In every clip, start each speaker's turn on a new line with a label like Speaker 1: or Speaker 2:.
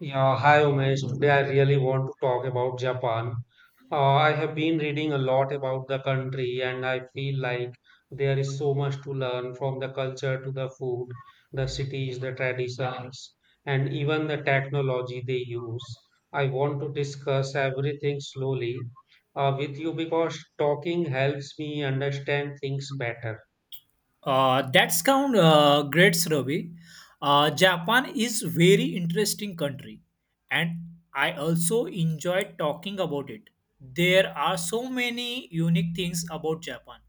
Speaker 1: Yeah, hi Umesh. Today I really want to talk about Japan. I have been reading a lot about the country and I feel like there is so much to learn, from the culture to the food, the cities, the traditions, and even the technology they use. I want to discuss everything slowly with you because talking helps me understand things better.
Speaker 2: That's count Great Ravi. Japan is very interesting country, and I also enjoy talking about it. There are so many unique things about Japan.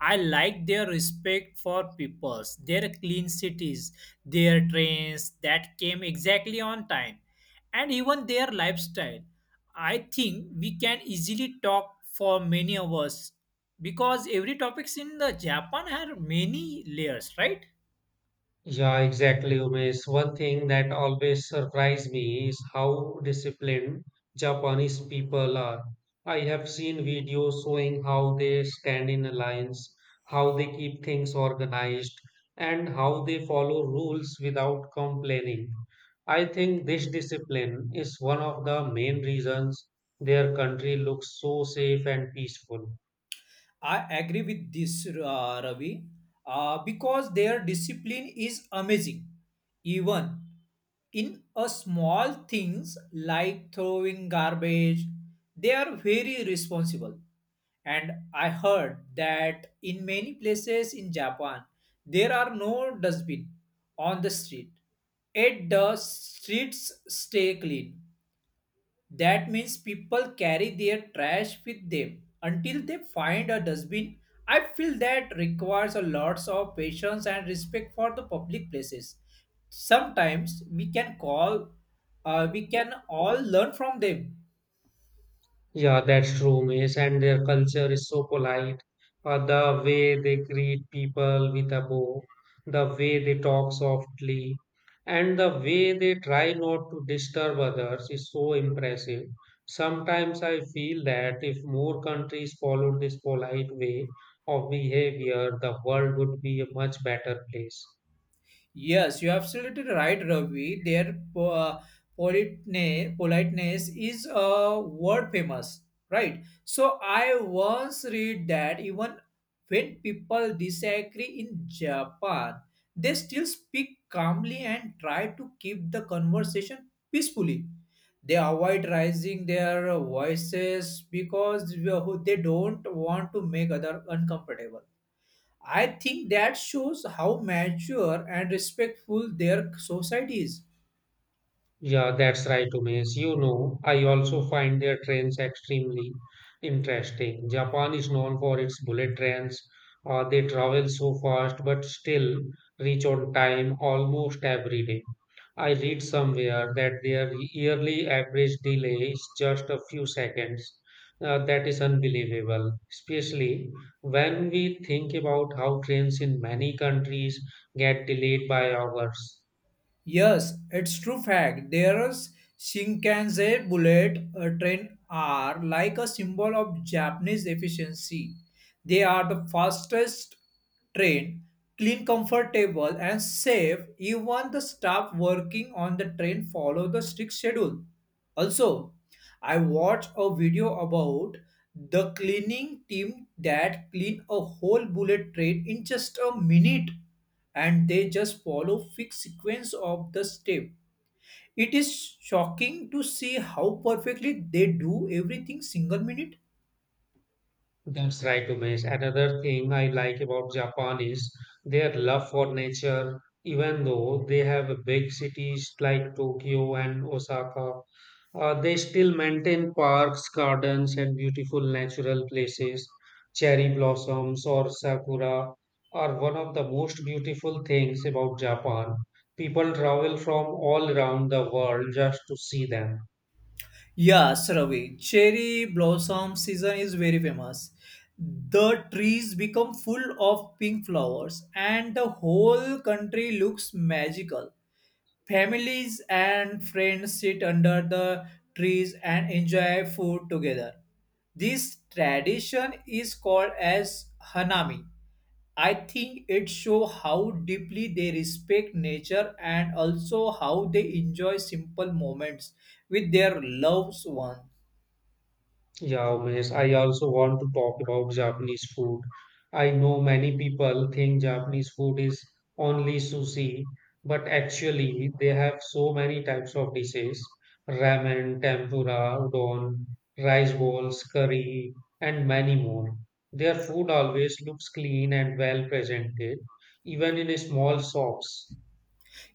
Speaker 2: I like their respect for peoples, their clean cities, their trains that came exactly on time, and even their lifestyle. I think we can easily talk for many hours because every topics in the japan had many layers, right?
Speaker 1: Yeah, exactly, Umesh. One thing that always surprised me is how disciplined Japanese people are. I have seen videos showing how they stand in a lines, how they keep things organized, and how they follow rules without complaining. I think this discipline is one of the main reasons their country looks so safe and peaceful.
Speaker 2: I agree with this, Ravi, because their discipline is amazing. Even in a small things like throwing garbage, they are very responsible. And I heard that in many places in Japan, there are no dustbin on the street. It the streets stay clean. That means people carry their trash with them until they find a dustbin. I feel that requires a lots of patience and respect for the public places. Sometimes we can call, we can all learn from them.
Speaker 1: Yeah, that's true, Miss. And their culture is so polite. The way they greet people with a bow, the way they talk softly, and the way they try not to disturb others is so impressive. Sometimes I feel that if more countries followed this polite way of behavior, the world would be a much better place.
Speaker 2: Yes, you're absolutely right, Ravi. Politeness is world famous, right? So I once read that even when people disagree in Japan, they still speak calmly and try to keep the conversation peacefully. They avoid raising their voices because they don't want to make other uncomfortable. I think that shows how mature and respectful their society is.
Speaker 1: Yeah, that's right, Umesh. You know, I also find their trains extremely interesting. Japan is known for its bullet trains. They travel so fast but still reach on time almost every day. I read somewhere that their yearly average delay is just a few seconds. That is unbelievable, especially when we think about how trains in many countries get delayed by hours.
Speaker 2: Yes, it's true fact. Their Shinkansen bullet train are like a symbol of Japanese efficiency. They are the fastest train, clean, comfortable, and safe. Even the staff working on the train follow the strict schedule. Also, I watched a video about the cleaning team that clean a whole bullet train in just a minute, and they just follow fixed sequence of the step. It is shocking to see how perfectly they do everything single minute.
Speaker 1: That's right, Umesh. Another thing I like about Japan is their love for nature, even though they have big cities like Tokyo and Osaka. They still maintain parks, gardens, and beautiful natural places. Cherry blossoms or sakura are one of the most beautiful things about Japan. People travel from all around the world just to see them.
Speaker 2: Yes, Ravi. Cherry blossom season is very famous. The trees become full of pink flowers and the whole country looks magical. Families and friends sit under the trees and enjoy food together. This tradition is called as hanami. I think it shows how deeply they respect nature and also how they enjoy simple moments with their loved ones.
Speaker 1: Yeah, Umesh, I also want to talk about Japanese food. I know many people think Japanese food is only sushi, but actually they have so many types of dishes: ramen, tempura, udon, rice balls, curry, and many more. Their food always looks clean and well presented, even in small shops.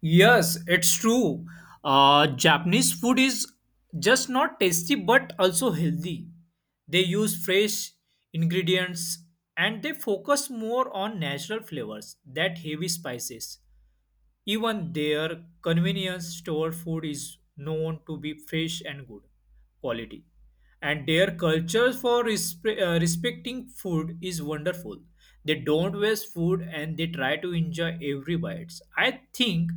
Speaker 2: Yes, it's true. Japanese food is just not tasty but also healthy. They use fresh ingredients and they focus more on natural flavors than heavy spices. Even their convenience store food is known to be fresh and good quality. And their culture for respecting food is wonderful. They don't waste food and they try to enjoy every bite. I think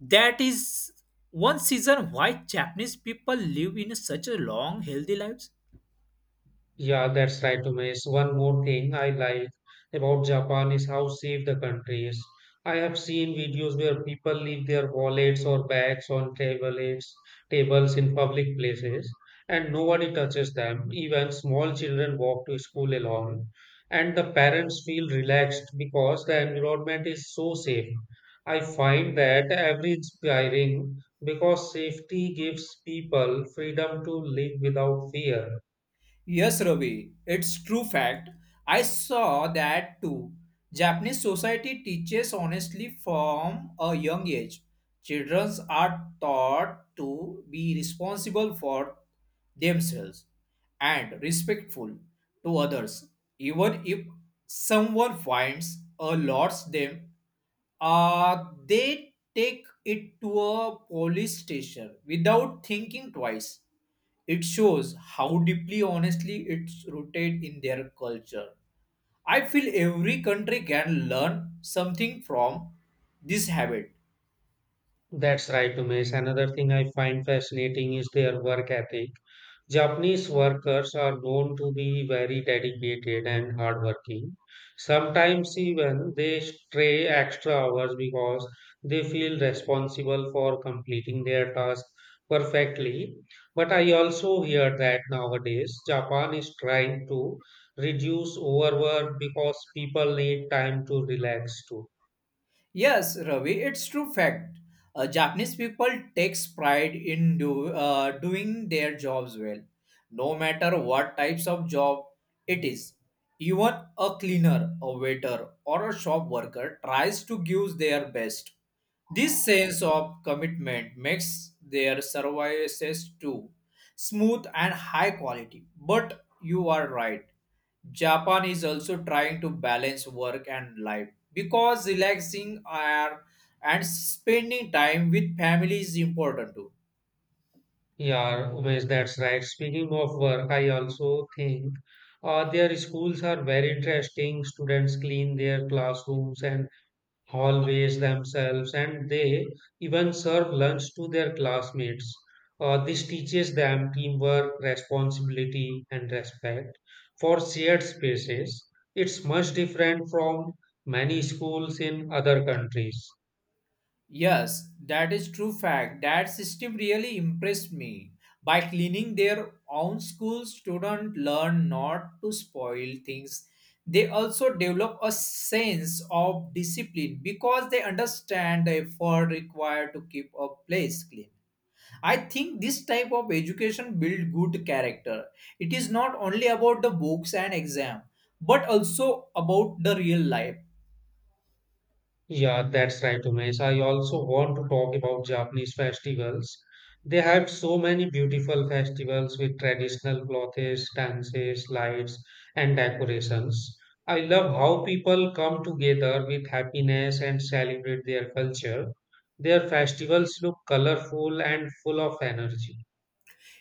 Speaker 2: that is one reason why Japanese people live in such a long, healthy lives.
Speaker 1: Yeah, that's right, Umesh. One more thing I like about Japan is how safe the country is. I have seen videos where people leave their wallets or bags on tablets, tables in public places, and nobody touches them. Even small children walk to school alone, and the parents feel relaxed because the environment is so safe. I find that every inspiring because safety gives people freedom to live without fear.
Speaker 2: Yes, Ravi, it's true fact. I saw that too. Japanese society teaches honestly from a young age. Children are taught to be responsible for themselves and respectful to others, even if someone finds or lots them. They take it to a police station without thinking twice. It shows how deeply, honestly, it's rooted in their culture. I feel every country can learn something from this habit.
Speaker 1: That's right, Umesh. Another thing I find fascinating is their work ethic. Japanese workers are known to be very dedicated and hardworking. Sometimes even they stray extra hours because they feel responsible for completing their task perfectly. But I also hear that nowadays Japan is trying to reduce overwork because people need time to relax too.
Speaker 2: Yes, Ravi, it's true fact. Japanese people takes pride in doing their jobs well, no matter what types of job it is. Even a cleaner, a waiter, or a shop worker tries to give their best. This sense of commitment makes their services too smooth and high quality. But you are right. Japan is also trying to balance work and life because relaxing are and spending time with family is important too.
Speaker 1: Yeah, Umesh, that's right. Speaking of work, I also think their schools are very interesting. Students clean their classrooms and hallways themselves, and they even serve lunch to their classmates. This teaches them teamwork, responsibility, and respect for shared spaces. It's much different from many schools in other countries.
Speaker 2: Yes, that is true fact. That system really impressed me. By cleaning their own school, students learn not to spoil things. They also develop a sense of discipline because they understand the effort required to keep a place clean. I think this type of education build good character. It is not only about the books and exam, but also about the real life.
Speaker 1: Yeah, that's right, Umesh. I also want to talk about Japanese festivals. They have so many beautiful festivals with traditional clothes, dances, lights, and decorations. I love how people come together with happiness and celebrate their culture. Their festivals look colorful and full of energy.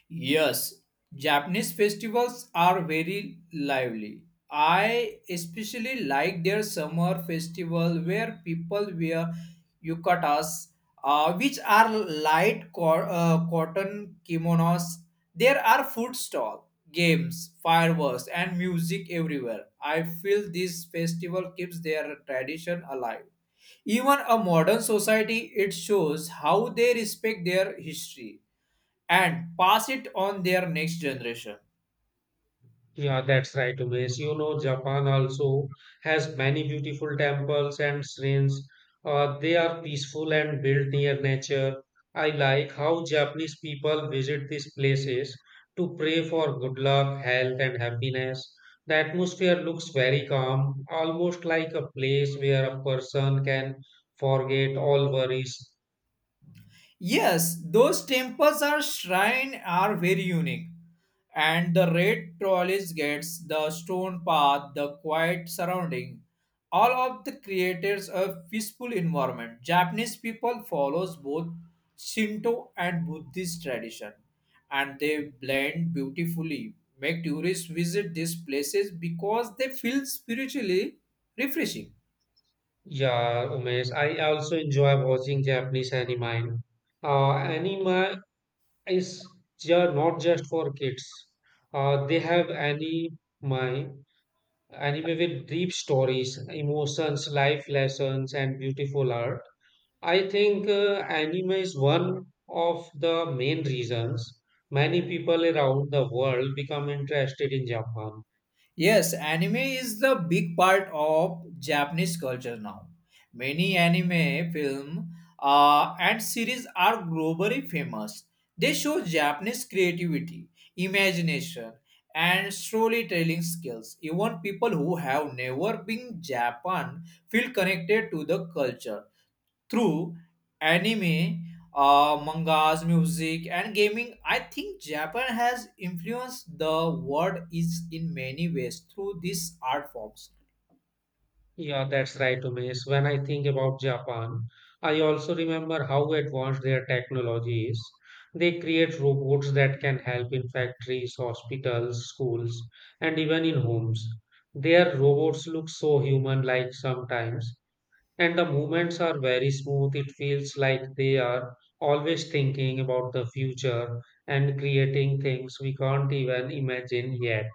Speaker 2: Yes, Japanese festivals are very lively. I especially like their summer festival where people wear yukatas, which are light cotton kimonos. There are food stall, games, fireworks, and music everywhere. I feel this festival keeps their tradition alive. Even a modern society, it shows how they respect their history and pass it on their next generation.
Speaker 1: Yeah, that's right, Umesh. You know, Japan also has many beautiful temples and shrines. They are peaceful and built near nature. I like how Japanese people visit these places to pray for good luck, health, and happiness. The atmosphere looks very calm, almost like a place where a person can forget all worries.
Speaker 2: Yes, those temples or shrine are very unique. And the red trolleys gets the stone path, the quiet surrounding. All of the creators a peaceful environment. Japanese people follows both Shinto and Buddhist tradition and they blend beautifully. Make tourists visit these places because they feel spiritually refreshing.
Speaker 1: Yeah, Umesh. I also enjoy watching Japanese anime. Anime is not just for kids. They have anime with deep stories, emotions, life lessons, and beautiful art. I think anime is one of the main reasons many people around the world become interested in Japan.
Speaker 2: Yes, anime is the big part of Japanese culture now. Many anime film and series are globally famous. They show Japanese creativity, imagination, and storytelling skills. Even people who have never been Japan feel connected to the culture through anime, mangas, music, and gaming. I think Japan has influenced the world is in many ways through these art forms.
Speaker 1: Yeah, that's right, Umesh. When I think about Japan, I also remember how advanced their technology is. They create robots that can help in factories, hospitals, schools, and even in homes. Their robots look so human-like sometimes, and the movements are very smooth. It feels like they are always thinking about the future and creating things we can't even imagine yet.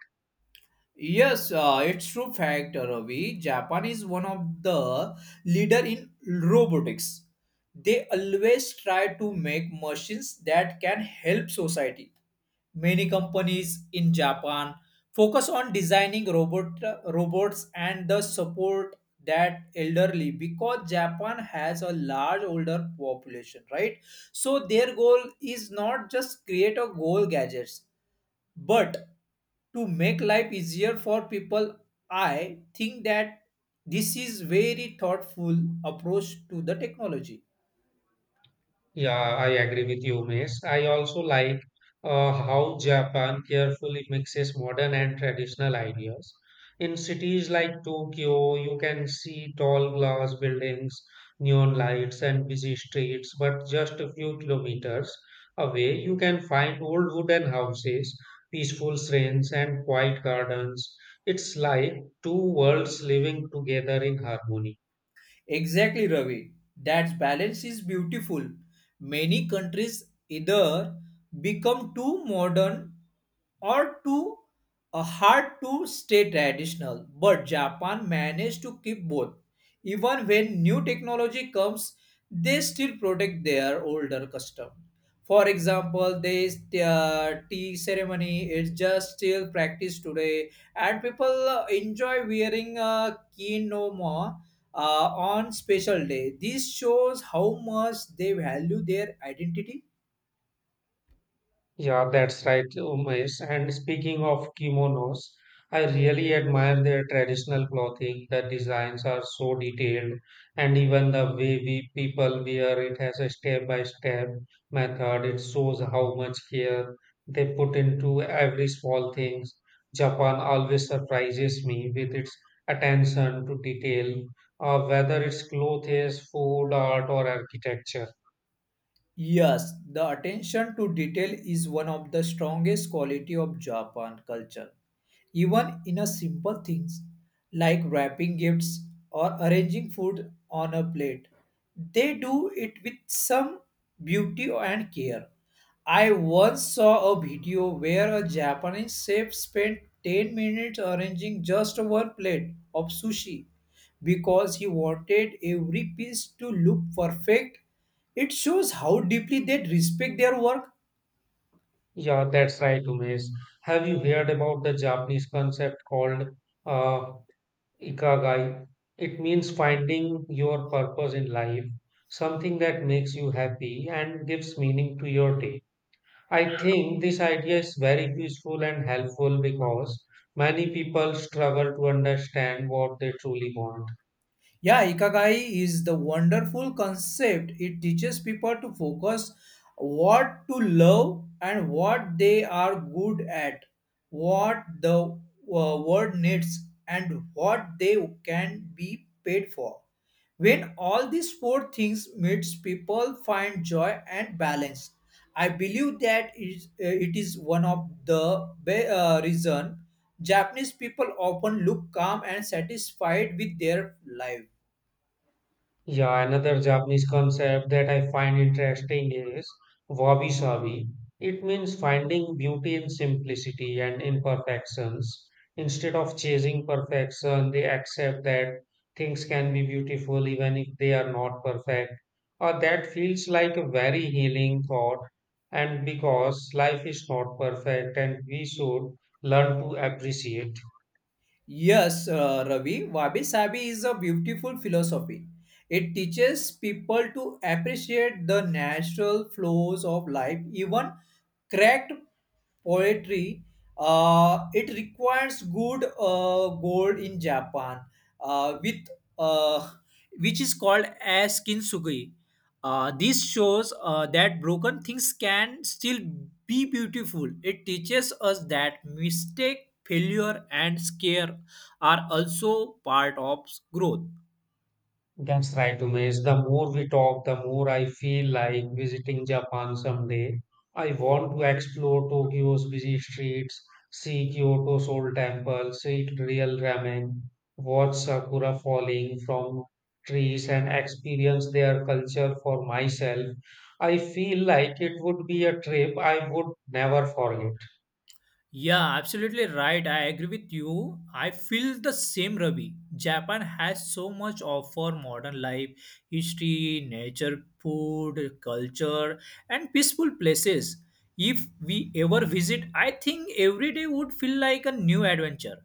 Speaker 2: Yes, it's true fact, Ravi. Japan is one of the leader in robotics. They always try to make machines that can help society. Many companies in Japan focus on designing robots and the support that elderly because Japan has a large older population, right? So their goal is not just create a goal gadgets but to make life easier for people. I think that this is very thoughtful approach to the technology.
Speaker 1: Yeah, I agree with you, Umesh. I also like how Japan carefully mixes modern and traditional ideas. In cities like Tokyo, you can see tall glass buildings, neon lights, and busy streets, but just a few kilometers away, you can find old wooden houses, peaceful shrines, and quiet gardens. It's like two worlds living together in harmony.
Speaker 2: Exactly, Ravi. That balance is beautiful. Many countries either become too modern or too hard to stay traditional, but Japan managed to keep both. Even when new technology comes, they still protect their older custom. For example, this tea ceremony is just still practiced today, and people enjoy wearing a kimono on special day. This shows how much they value their identity.
Speaker 1: Yeah, that's right, Umesh. And speaking of kimonos, I really admire their traditional clothing. The designs are so detailed, and even the way we people wear it has a step by step method. It shows how much care they put into every small thing. Japan always surprises me with its attention to detail, whether it's clothes, food, art, or architecture.
Speaker 2: Yes, the attention to detail is one of the strongest quality of Japan culture. Even in a simple things like wrapping gifts or arranging food on a plate, they do it with some beauty and care. I once saw a video where a Japanese chef spent 10 minutes arranging just one plate of sushi because he wanted every piece to look perfect. It shows how deeply they respect their work.
Speaker 1: Yeah, that's right, Umesh. Have you heard about the Japanese concept called uh, Ikigai? It means finding your purpose in life, something that makes you happy and gives meaning to your day. I think this idea is very useful and helpful because many people struggle to understand what they truly want.
Speaker 2: Yeah, Ikigai is the wonderful concept. It teaches people to focus what to love and what they are good at, what the world needs, and what they can be paid for. When all these four things meets, people find joy and balance. I believe that it is one of the reason Japanese people often look calm and satisfied with their life.
Speaker 1: Yeah, another Japanese concept that I find interesting is wabi sabi. It means finding beauty in simplicity and imperfections. Instead of chasing perfection, they accept that things can be beautiful even if they are not perfect. Or that feels like a very healing thought. And because life is not perfect and we should learn to appreciate.
Speaker 2: Yes, Ravi, Wabi Sabi is a beautiful philosophy. It teaches people to appreciate the natural flows of life, even cracked poetry. It requires good gold in Japan, with uh, which is called as kintsugi. This shows that broken things can still be beautiful. It teaches us that mistake, failure, and scare are also part of growth.
Speaker 1: That's right, Umesh. The more we talk, the more I feel like visiting Japan someday. I want to explore Tokyo's busy streets, see Kyoto's old temples, eat real ramen, watch sakura falling from trees, and experience their culture for myself. I feel like it would be a trip I would never forget.
Speaker 2: Yeah, absolutely right. I agree with you. I feel the same, Ravi. Japan has so much offer modern life, history, nature, food, culture, and peaceful places. If we ever visit, I think every day would feel like a new adventure.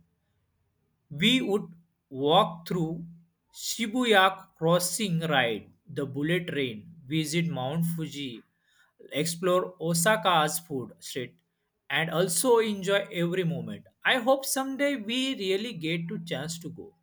Speaker 2: We would walk through Shibuya Crossing, ride the bullet train, visit Mount Fuji, explore Osaka's food street, and also enjoy every moment. I hope someday we really get to chance to go.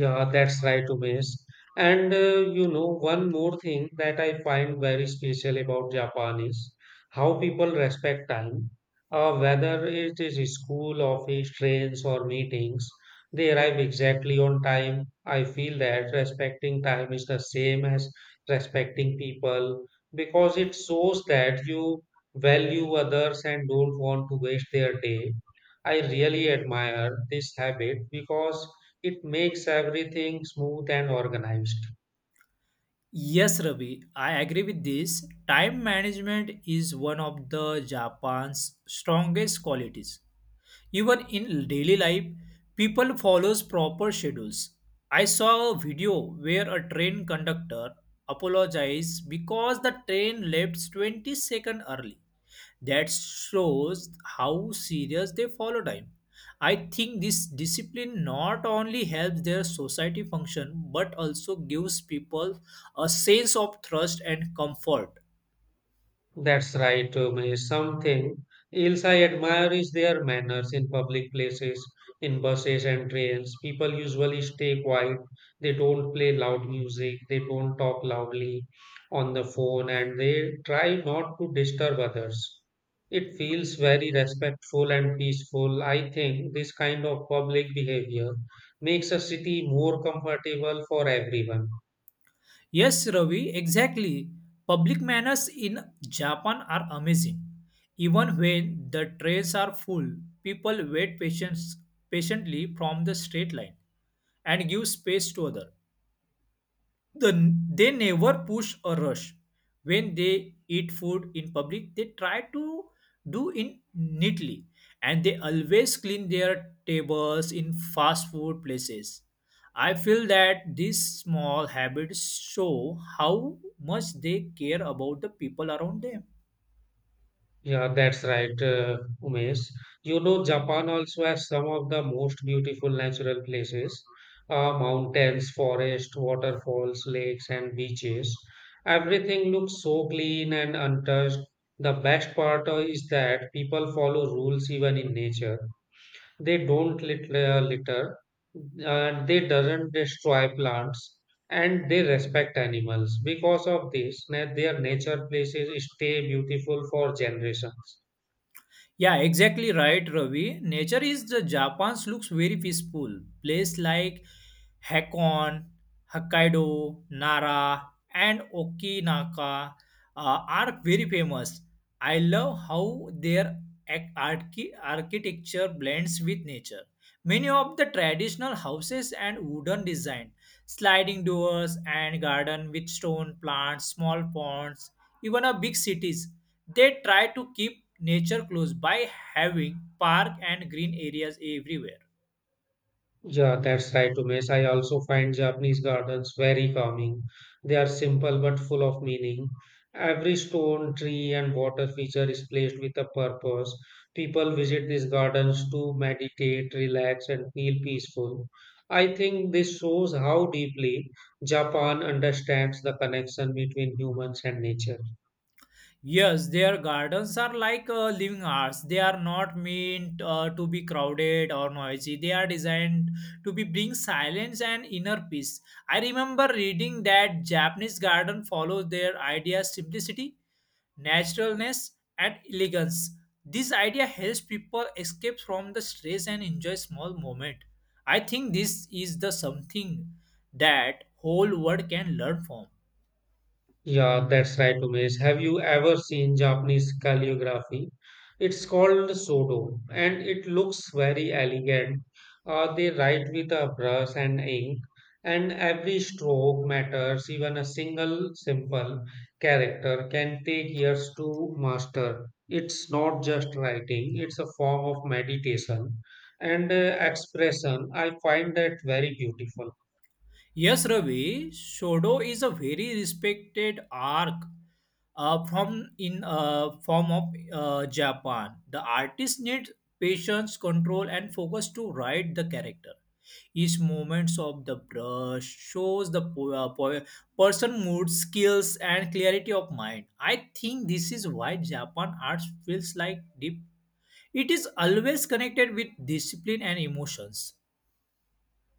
Speaker 1: Yeah, that's right, Umesh. And you know, one more thing that I find very special about Japan is how people respect time. Whether it is school, office, trains, or meetings, they arrive exactly on time. I feel that respecting time is the same as respecting people because it shows that you value others and don't want to waste their day. I really admire this habit because it makes everything smooth and organized.
Speaker 2: Yes, Ravi, I agree with this. Time management is one of the Japan's strongest qualities. Even in daily life, people follows proper schedules. I saw a video where a train conductor apologized because the train left 20 seconds early. That shows how serious they follow time. I think this discipline not only helps their society function but also gives people a sense of trust and comfort.
Speaker 1: That's right, May. Something else I admire is their manners in public places, in buses and trains. People usually stay quiet. They don't play loud music. They don't talk loudly on the phone and they try not to disturb others. It feels very respectful and peaceful. I think this kind of public behavior makes a city more comfortable for everyone.
Speaker 2: Yes, Ravi, exactly. Public manners in Japan are amazing. Even when the trains are full, people wait patiently from the straight line and give space to other. The they never push or rush. When they eat food in public, they try to do it neatly, and they always clean their tables in fast food places. I feel that these small habits show how much they care about the people around them.
Speaker 1: Yeah, that's right, Umesh. You know, Japan also has some of the most beautiful natural places, mountains, forests, waterfalls, lakes, and beaches. Everything looks so clean and untouched. The best part is that people follow rules even in nature. They don't litter, they doesn't destroy plants, and they respect animals. Because of this, their nature places stay beautiful for generations.
Speaker 2: Yeah, exactly right, Ravi. Nature is the Japan's looks very peaceful. Place like Hakon, Hokkaido, Nara, and Okinaka are very famous. I love how their architecture blends with nature. Many of the traditional houses and wooden design, sliding doors and garden with stone plants, small ponds, even a big cities, they try to keep nature close by having park and green areas everywhere.
Speaker 1: Yeah, that's right, Umesh. I also find Japanese gardens very calming. They are simple but full of meaning. Every stone, tree, and water feature is placed with a purpose. People visit these gardens to meditate, relax, and feel peaceful. I think this shows how deeply Japan understands the connection between humans and nature.
Speaker 2: Yes, their gardens are like living arts. They are not meant to be crowded or noisy. They are designed to be bring silence and inner peace. I remember reading that Japanese garden follows their idea simplicity, naturalness, and elegance. This idea helps people escape from the stress and enjoy small moment. I think this is the something that whole world can learn from.
Speaker 1: Yeah, that's right, Umesh. Have you ever seen Japanese calligraphy? It's called Sodo and it looks very elegant. They write with a brush and ink, and every stroke matters. Even a single simple character can take years to master. It's not just writing, it's a form of meditation and expression. I find that very beautiful.
Speaker 2: Yes, Ravi, Shodo is a very respected arc from in form of Japan. The artist needs patience, control, and focus to write the character. Each movements of the brush shows the person mood, skills, and clarity of mind. I think this is why Japan art feels like deep. It is always connected with discipline and emotions.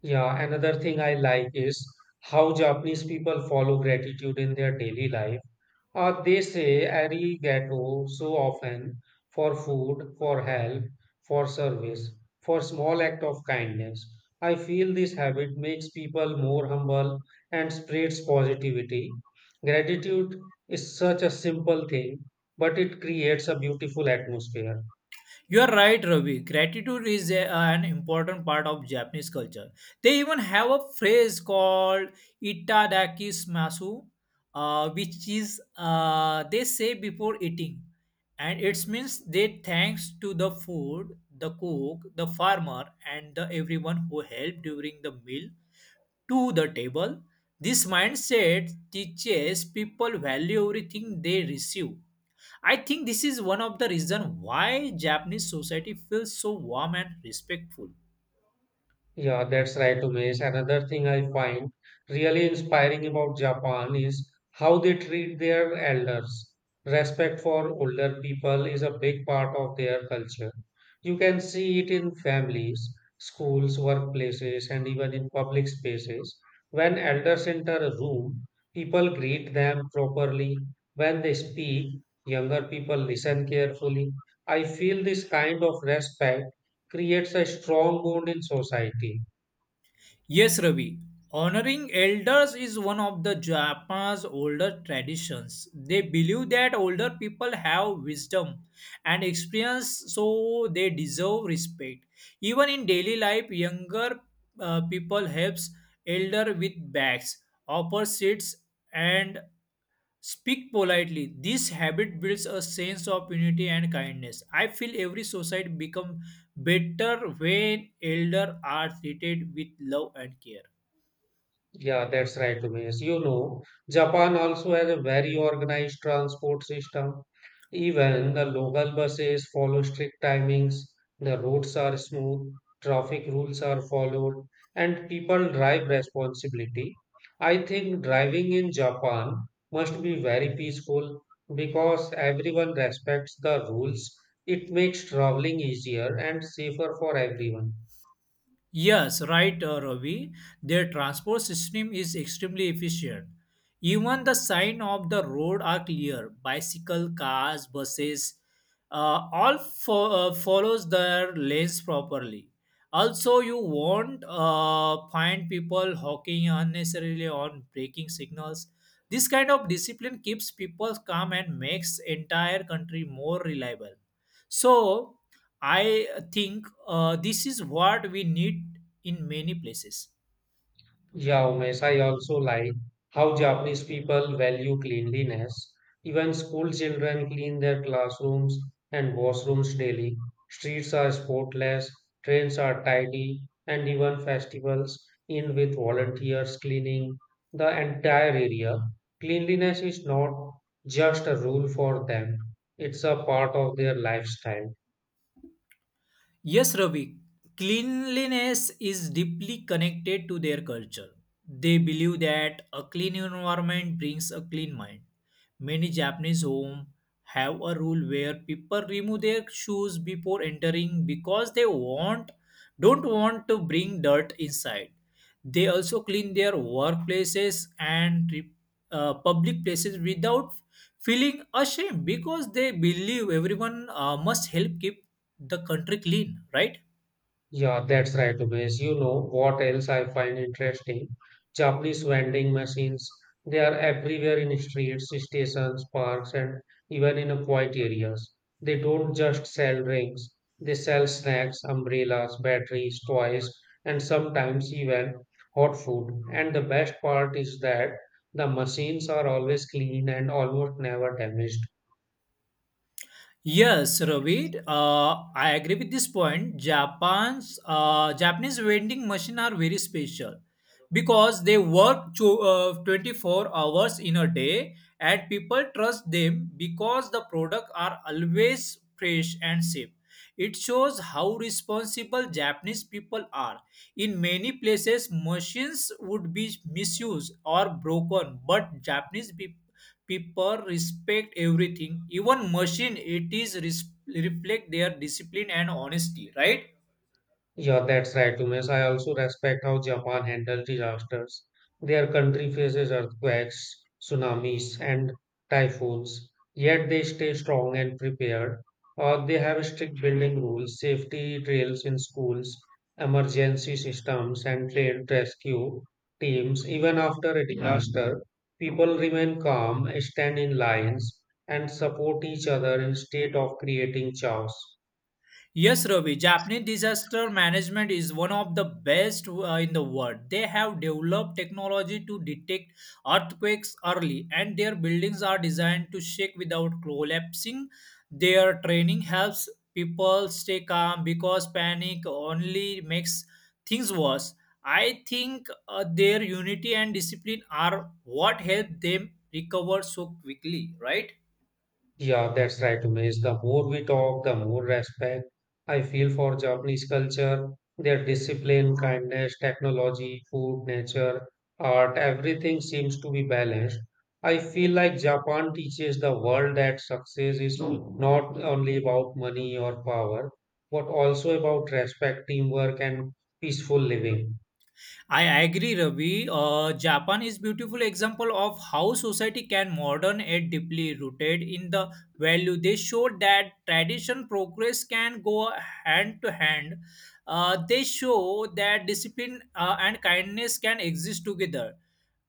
Speaker 1: Yeah, another thing I like is how Japanese people follow gratitude in their daily life. They say arigato so often for food, for help, for service, for small act of kindness. I feel this habit makes people more humble and spreads positivity. Gratitude is such a simple thing, but it creates a beautiful atmosphere.
Speaker 2: You are right, Ravi. Gratitude is an important part of Japanese culture. They even have a phrase called itadaki smasu, which is they say before eating, and it means they thanks to the food, the cook, the farmer, and the everyone who helped during the meal to the table. This mindset teaches people value everything they receive. I think this is one of the reason why Japanese society feels so warm and respectful.
Speaker 1: Yeah, that's right, Umesh. Another thing I find really inspiring about Japan is how they treat their elders. Respect for older people is a big part of their culture. You can see it in families, schools, workplaces, and even in public spaces. When elders enter a room, people greet them properly. When they speak, younger people listen carefully. I feel this kind of respect creates a strong bond in society.
Speaker 2: Yes, Ravi. Honoring elders is one of the Japan's older traditions. They believe that older people have wisdom and experience, so they deserve respect. Even in daily life, younger people helps elder with bags, offers seats, and speak politely. This habit builds a sense of unity and kindness. I feel every society become better when elder are treated with love and care.
Speaker 1: Yeah, that's right, Umesh. You know, Japan also has a very organized transport system. Even the local buses follow strict timings, the roads are smooth, traffic rules are followed, and people drive responsibility. I think driving in Japan must be very peaceful because everyone respects the rules. It makes traveling easier and safer for everyone.
Speaker 2: Yes, right, Ravi. Their transport system is extremely efficient. Even the sign of the road are clear. Bicycle, cars, buses, all follows their lanes properly. Also, you won't find people honking unnecessarily on braking signals. This kind of discipline keeps people calm and makes entire country more reliable. So, I think this is what we need in many places.
Speaker 1: Yeah, Umesh, I also like how Japanese people value cleanliness. Even school children clean their classrooms and washrooms daily. Streets are spotless, trains are tidy, and even festivals in with volunteers cleaning the entire area. Cleanliness is not just a rule for them, it's a part of their lifestyle.
Speaker 2: Yes, Ravi. Cleanliness is deeply connected to their culture. They believe that a clean environment brings a clean mind. Many Japanese homes have a rule where people remove their shoes before entering because they want don't want to bring dirt inside. They also clean their workplaces and public places without feeling ashamed because they believe everyone must help keep the country clean, right?
Speaker 1: Yeah, that's right, Umesh. You know what else I find interesting? Japanese vending machines. They are everywhere in streets, stations, parks, and even in quiet areas. They don't just sell drinks. They sell snacks, umbrellas, batteries, toys, and sometimes even hot food. And the best part is that the machines are always clean and almost never damaged.
Speaker 2: Yes, Ravid, I agree with this point. Japan's Japanese vending machine are very special because they work to, 24 hours in a day and people trust them because the product are always fresh and safe. It shows how responsible Japanese people are. In many places, machines would be misused or broken, but people respect everything. Even machine, it is reflect their discipline and honesty, right?
Speaker 1: Yeah, that's right, Umesh. I also respect how Japan handles disasters. Their country faces earthquakes, tsunamis, and typhoons, yet they stay strong and prepared. They have strict building rules, safety drills in schools, emergency systems, and trained rescue teams. Even after a disaster, people remain calm, stand in lines, and support each other instead of creating chaos.
Speaker 2: Yes, Ravi, Japanese disaster management is one of the best in the world. They have developed technology to detect earthquakes early, and their buildings are designed to shake without collapsing. Their training helps people stay calm because panic only makes things worse. I think their unity and discipline are what help them recover so quickly, right?
Speaker 1: Yeah, that's right, Umesh. The more we talk, the more respect I feel for Japanese culture, their discipline, kindness, technology, food, nature, art, everything seems to be balanced. I feel like Japan teaches the world that success is not only about money or power, but also about respect, teamwork, and peaceful living.
Speaker 2: I agree, Ravi. Japan is beautiful example of how society can modern and deeply rooted in the value. They showed that tradition progress can go hand to hand. They show that discipline and kindness can exist together.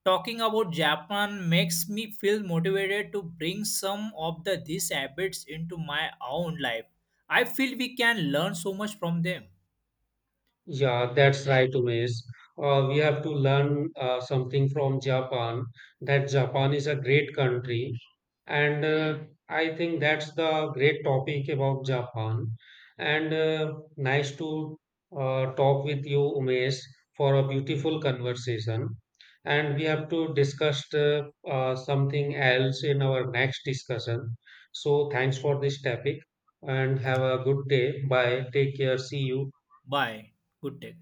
Speaker 2: Talking about Japan makes me feel motivated to bring some of the these habits into my own life. I feel we can learn so much from them.
Speaker 1: Yeah, that's right, Umesh. We have to learn something from Japan, that Japan is a great country. And I think that's the great topic about Japan. And nice to talk with you, Umesh, for a beautiful conversation. And we have to discuss something else in our next discussion. So thanks for this topic and have a good day. Bye. Take care. See you.
Speaker 2: Bye. Good day.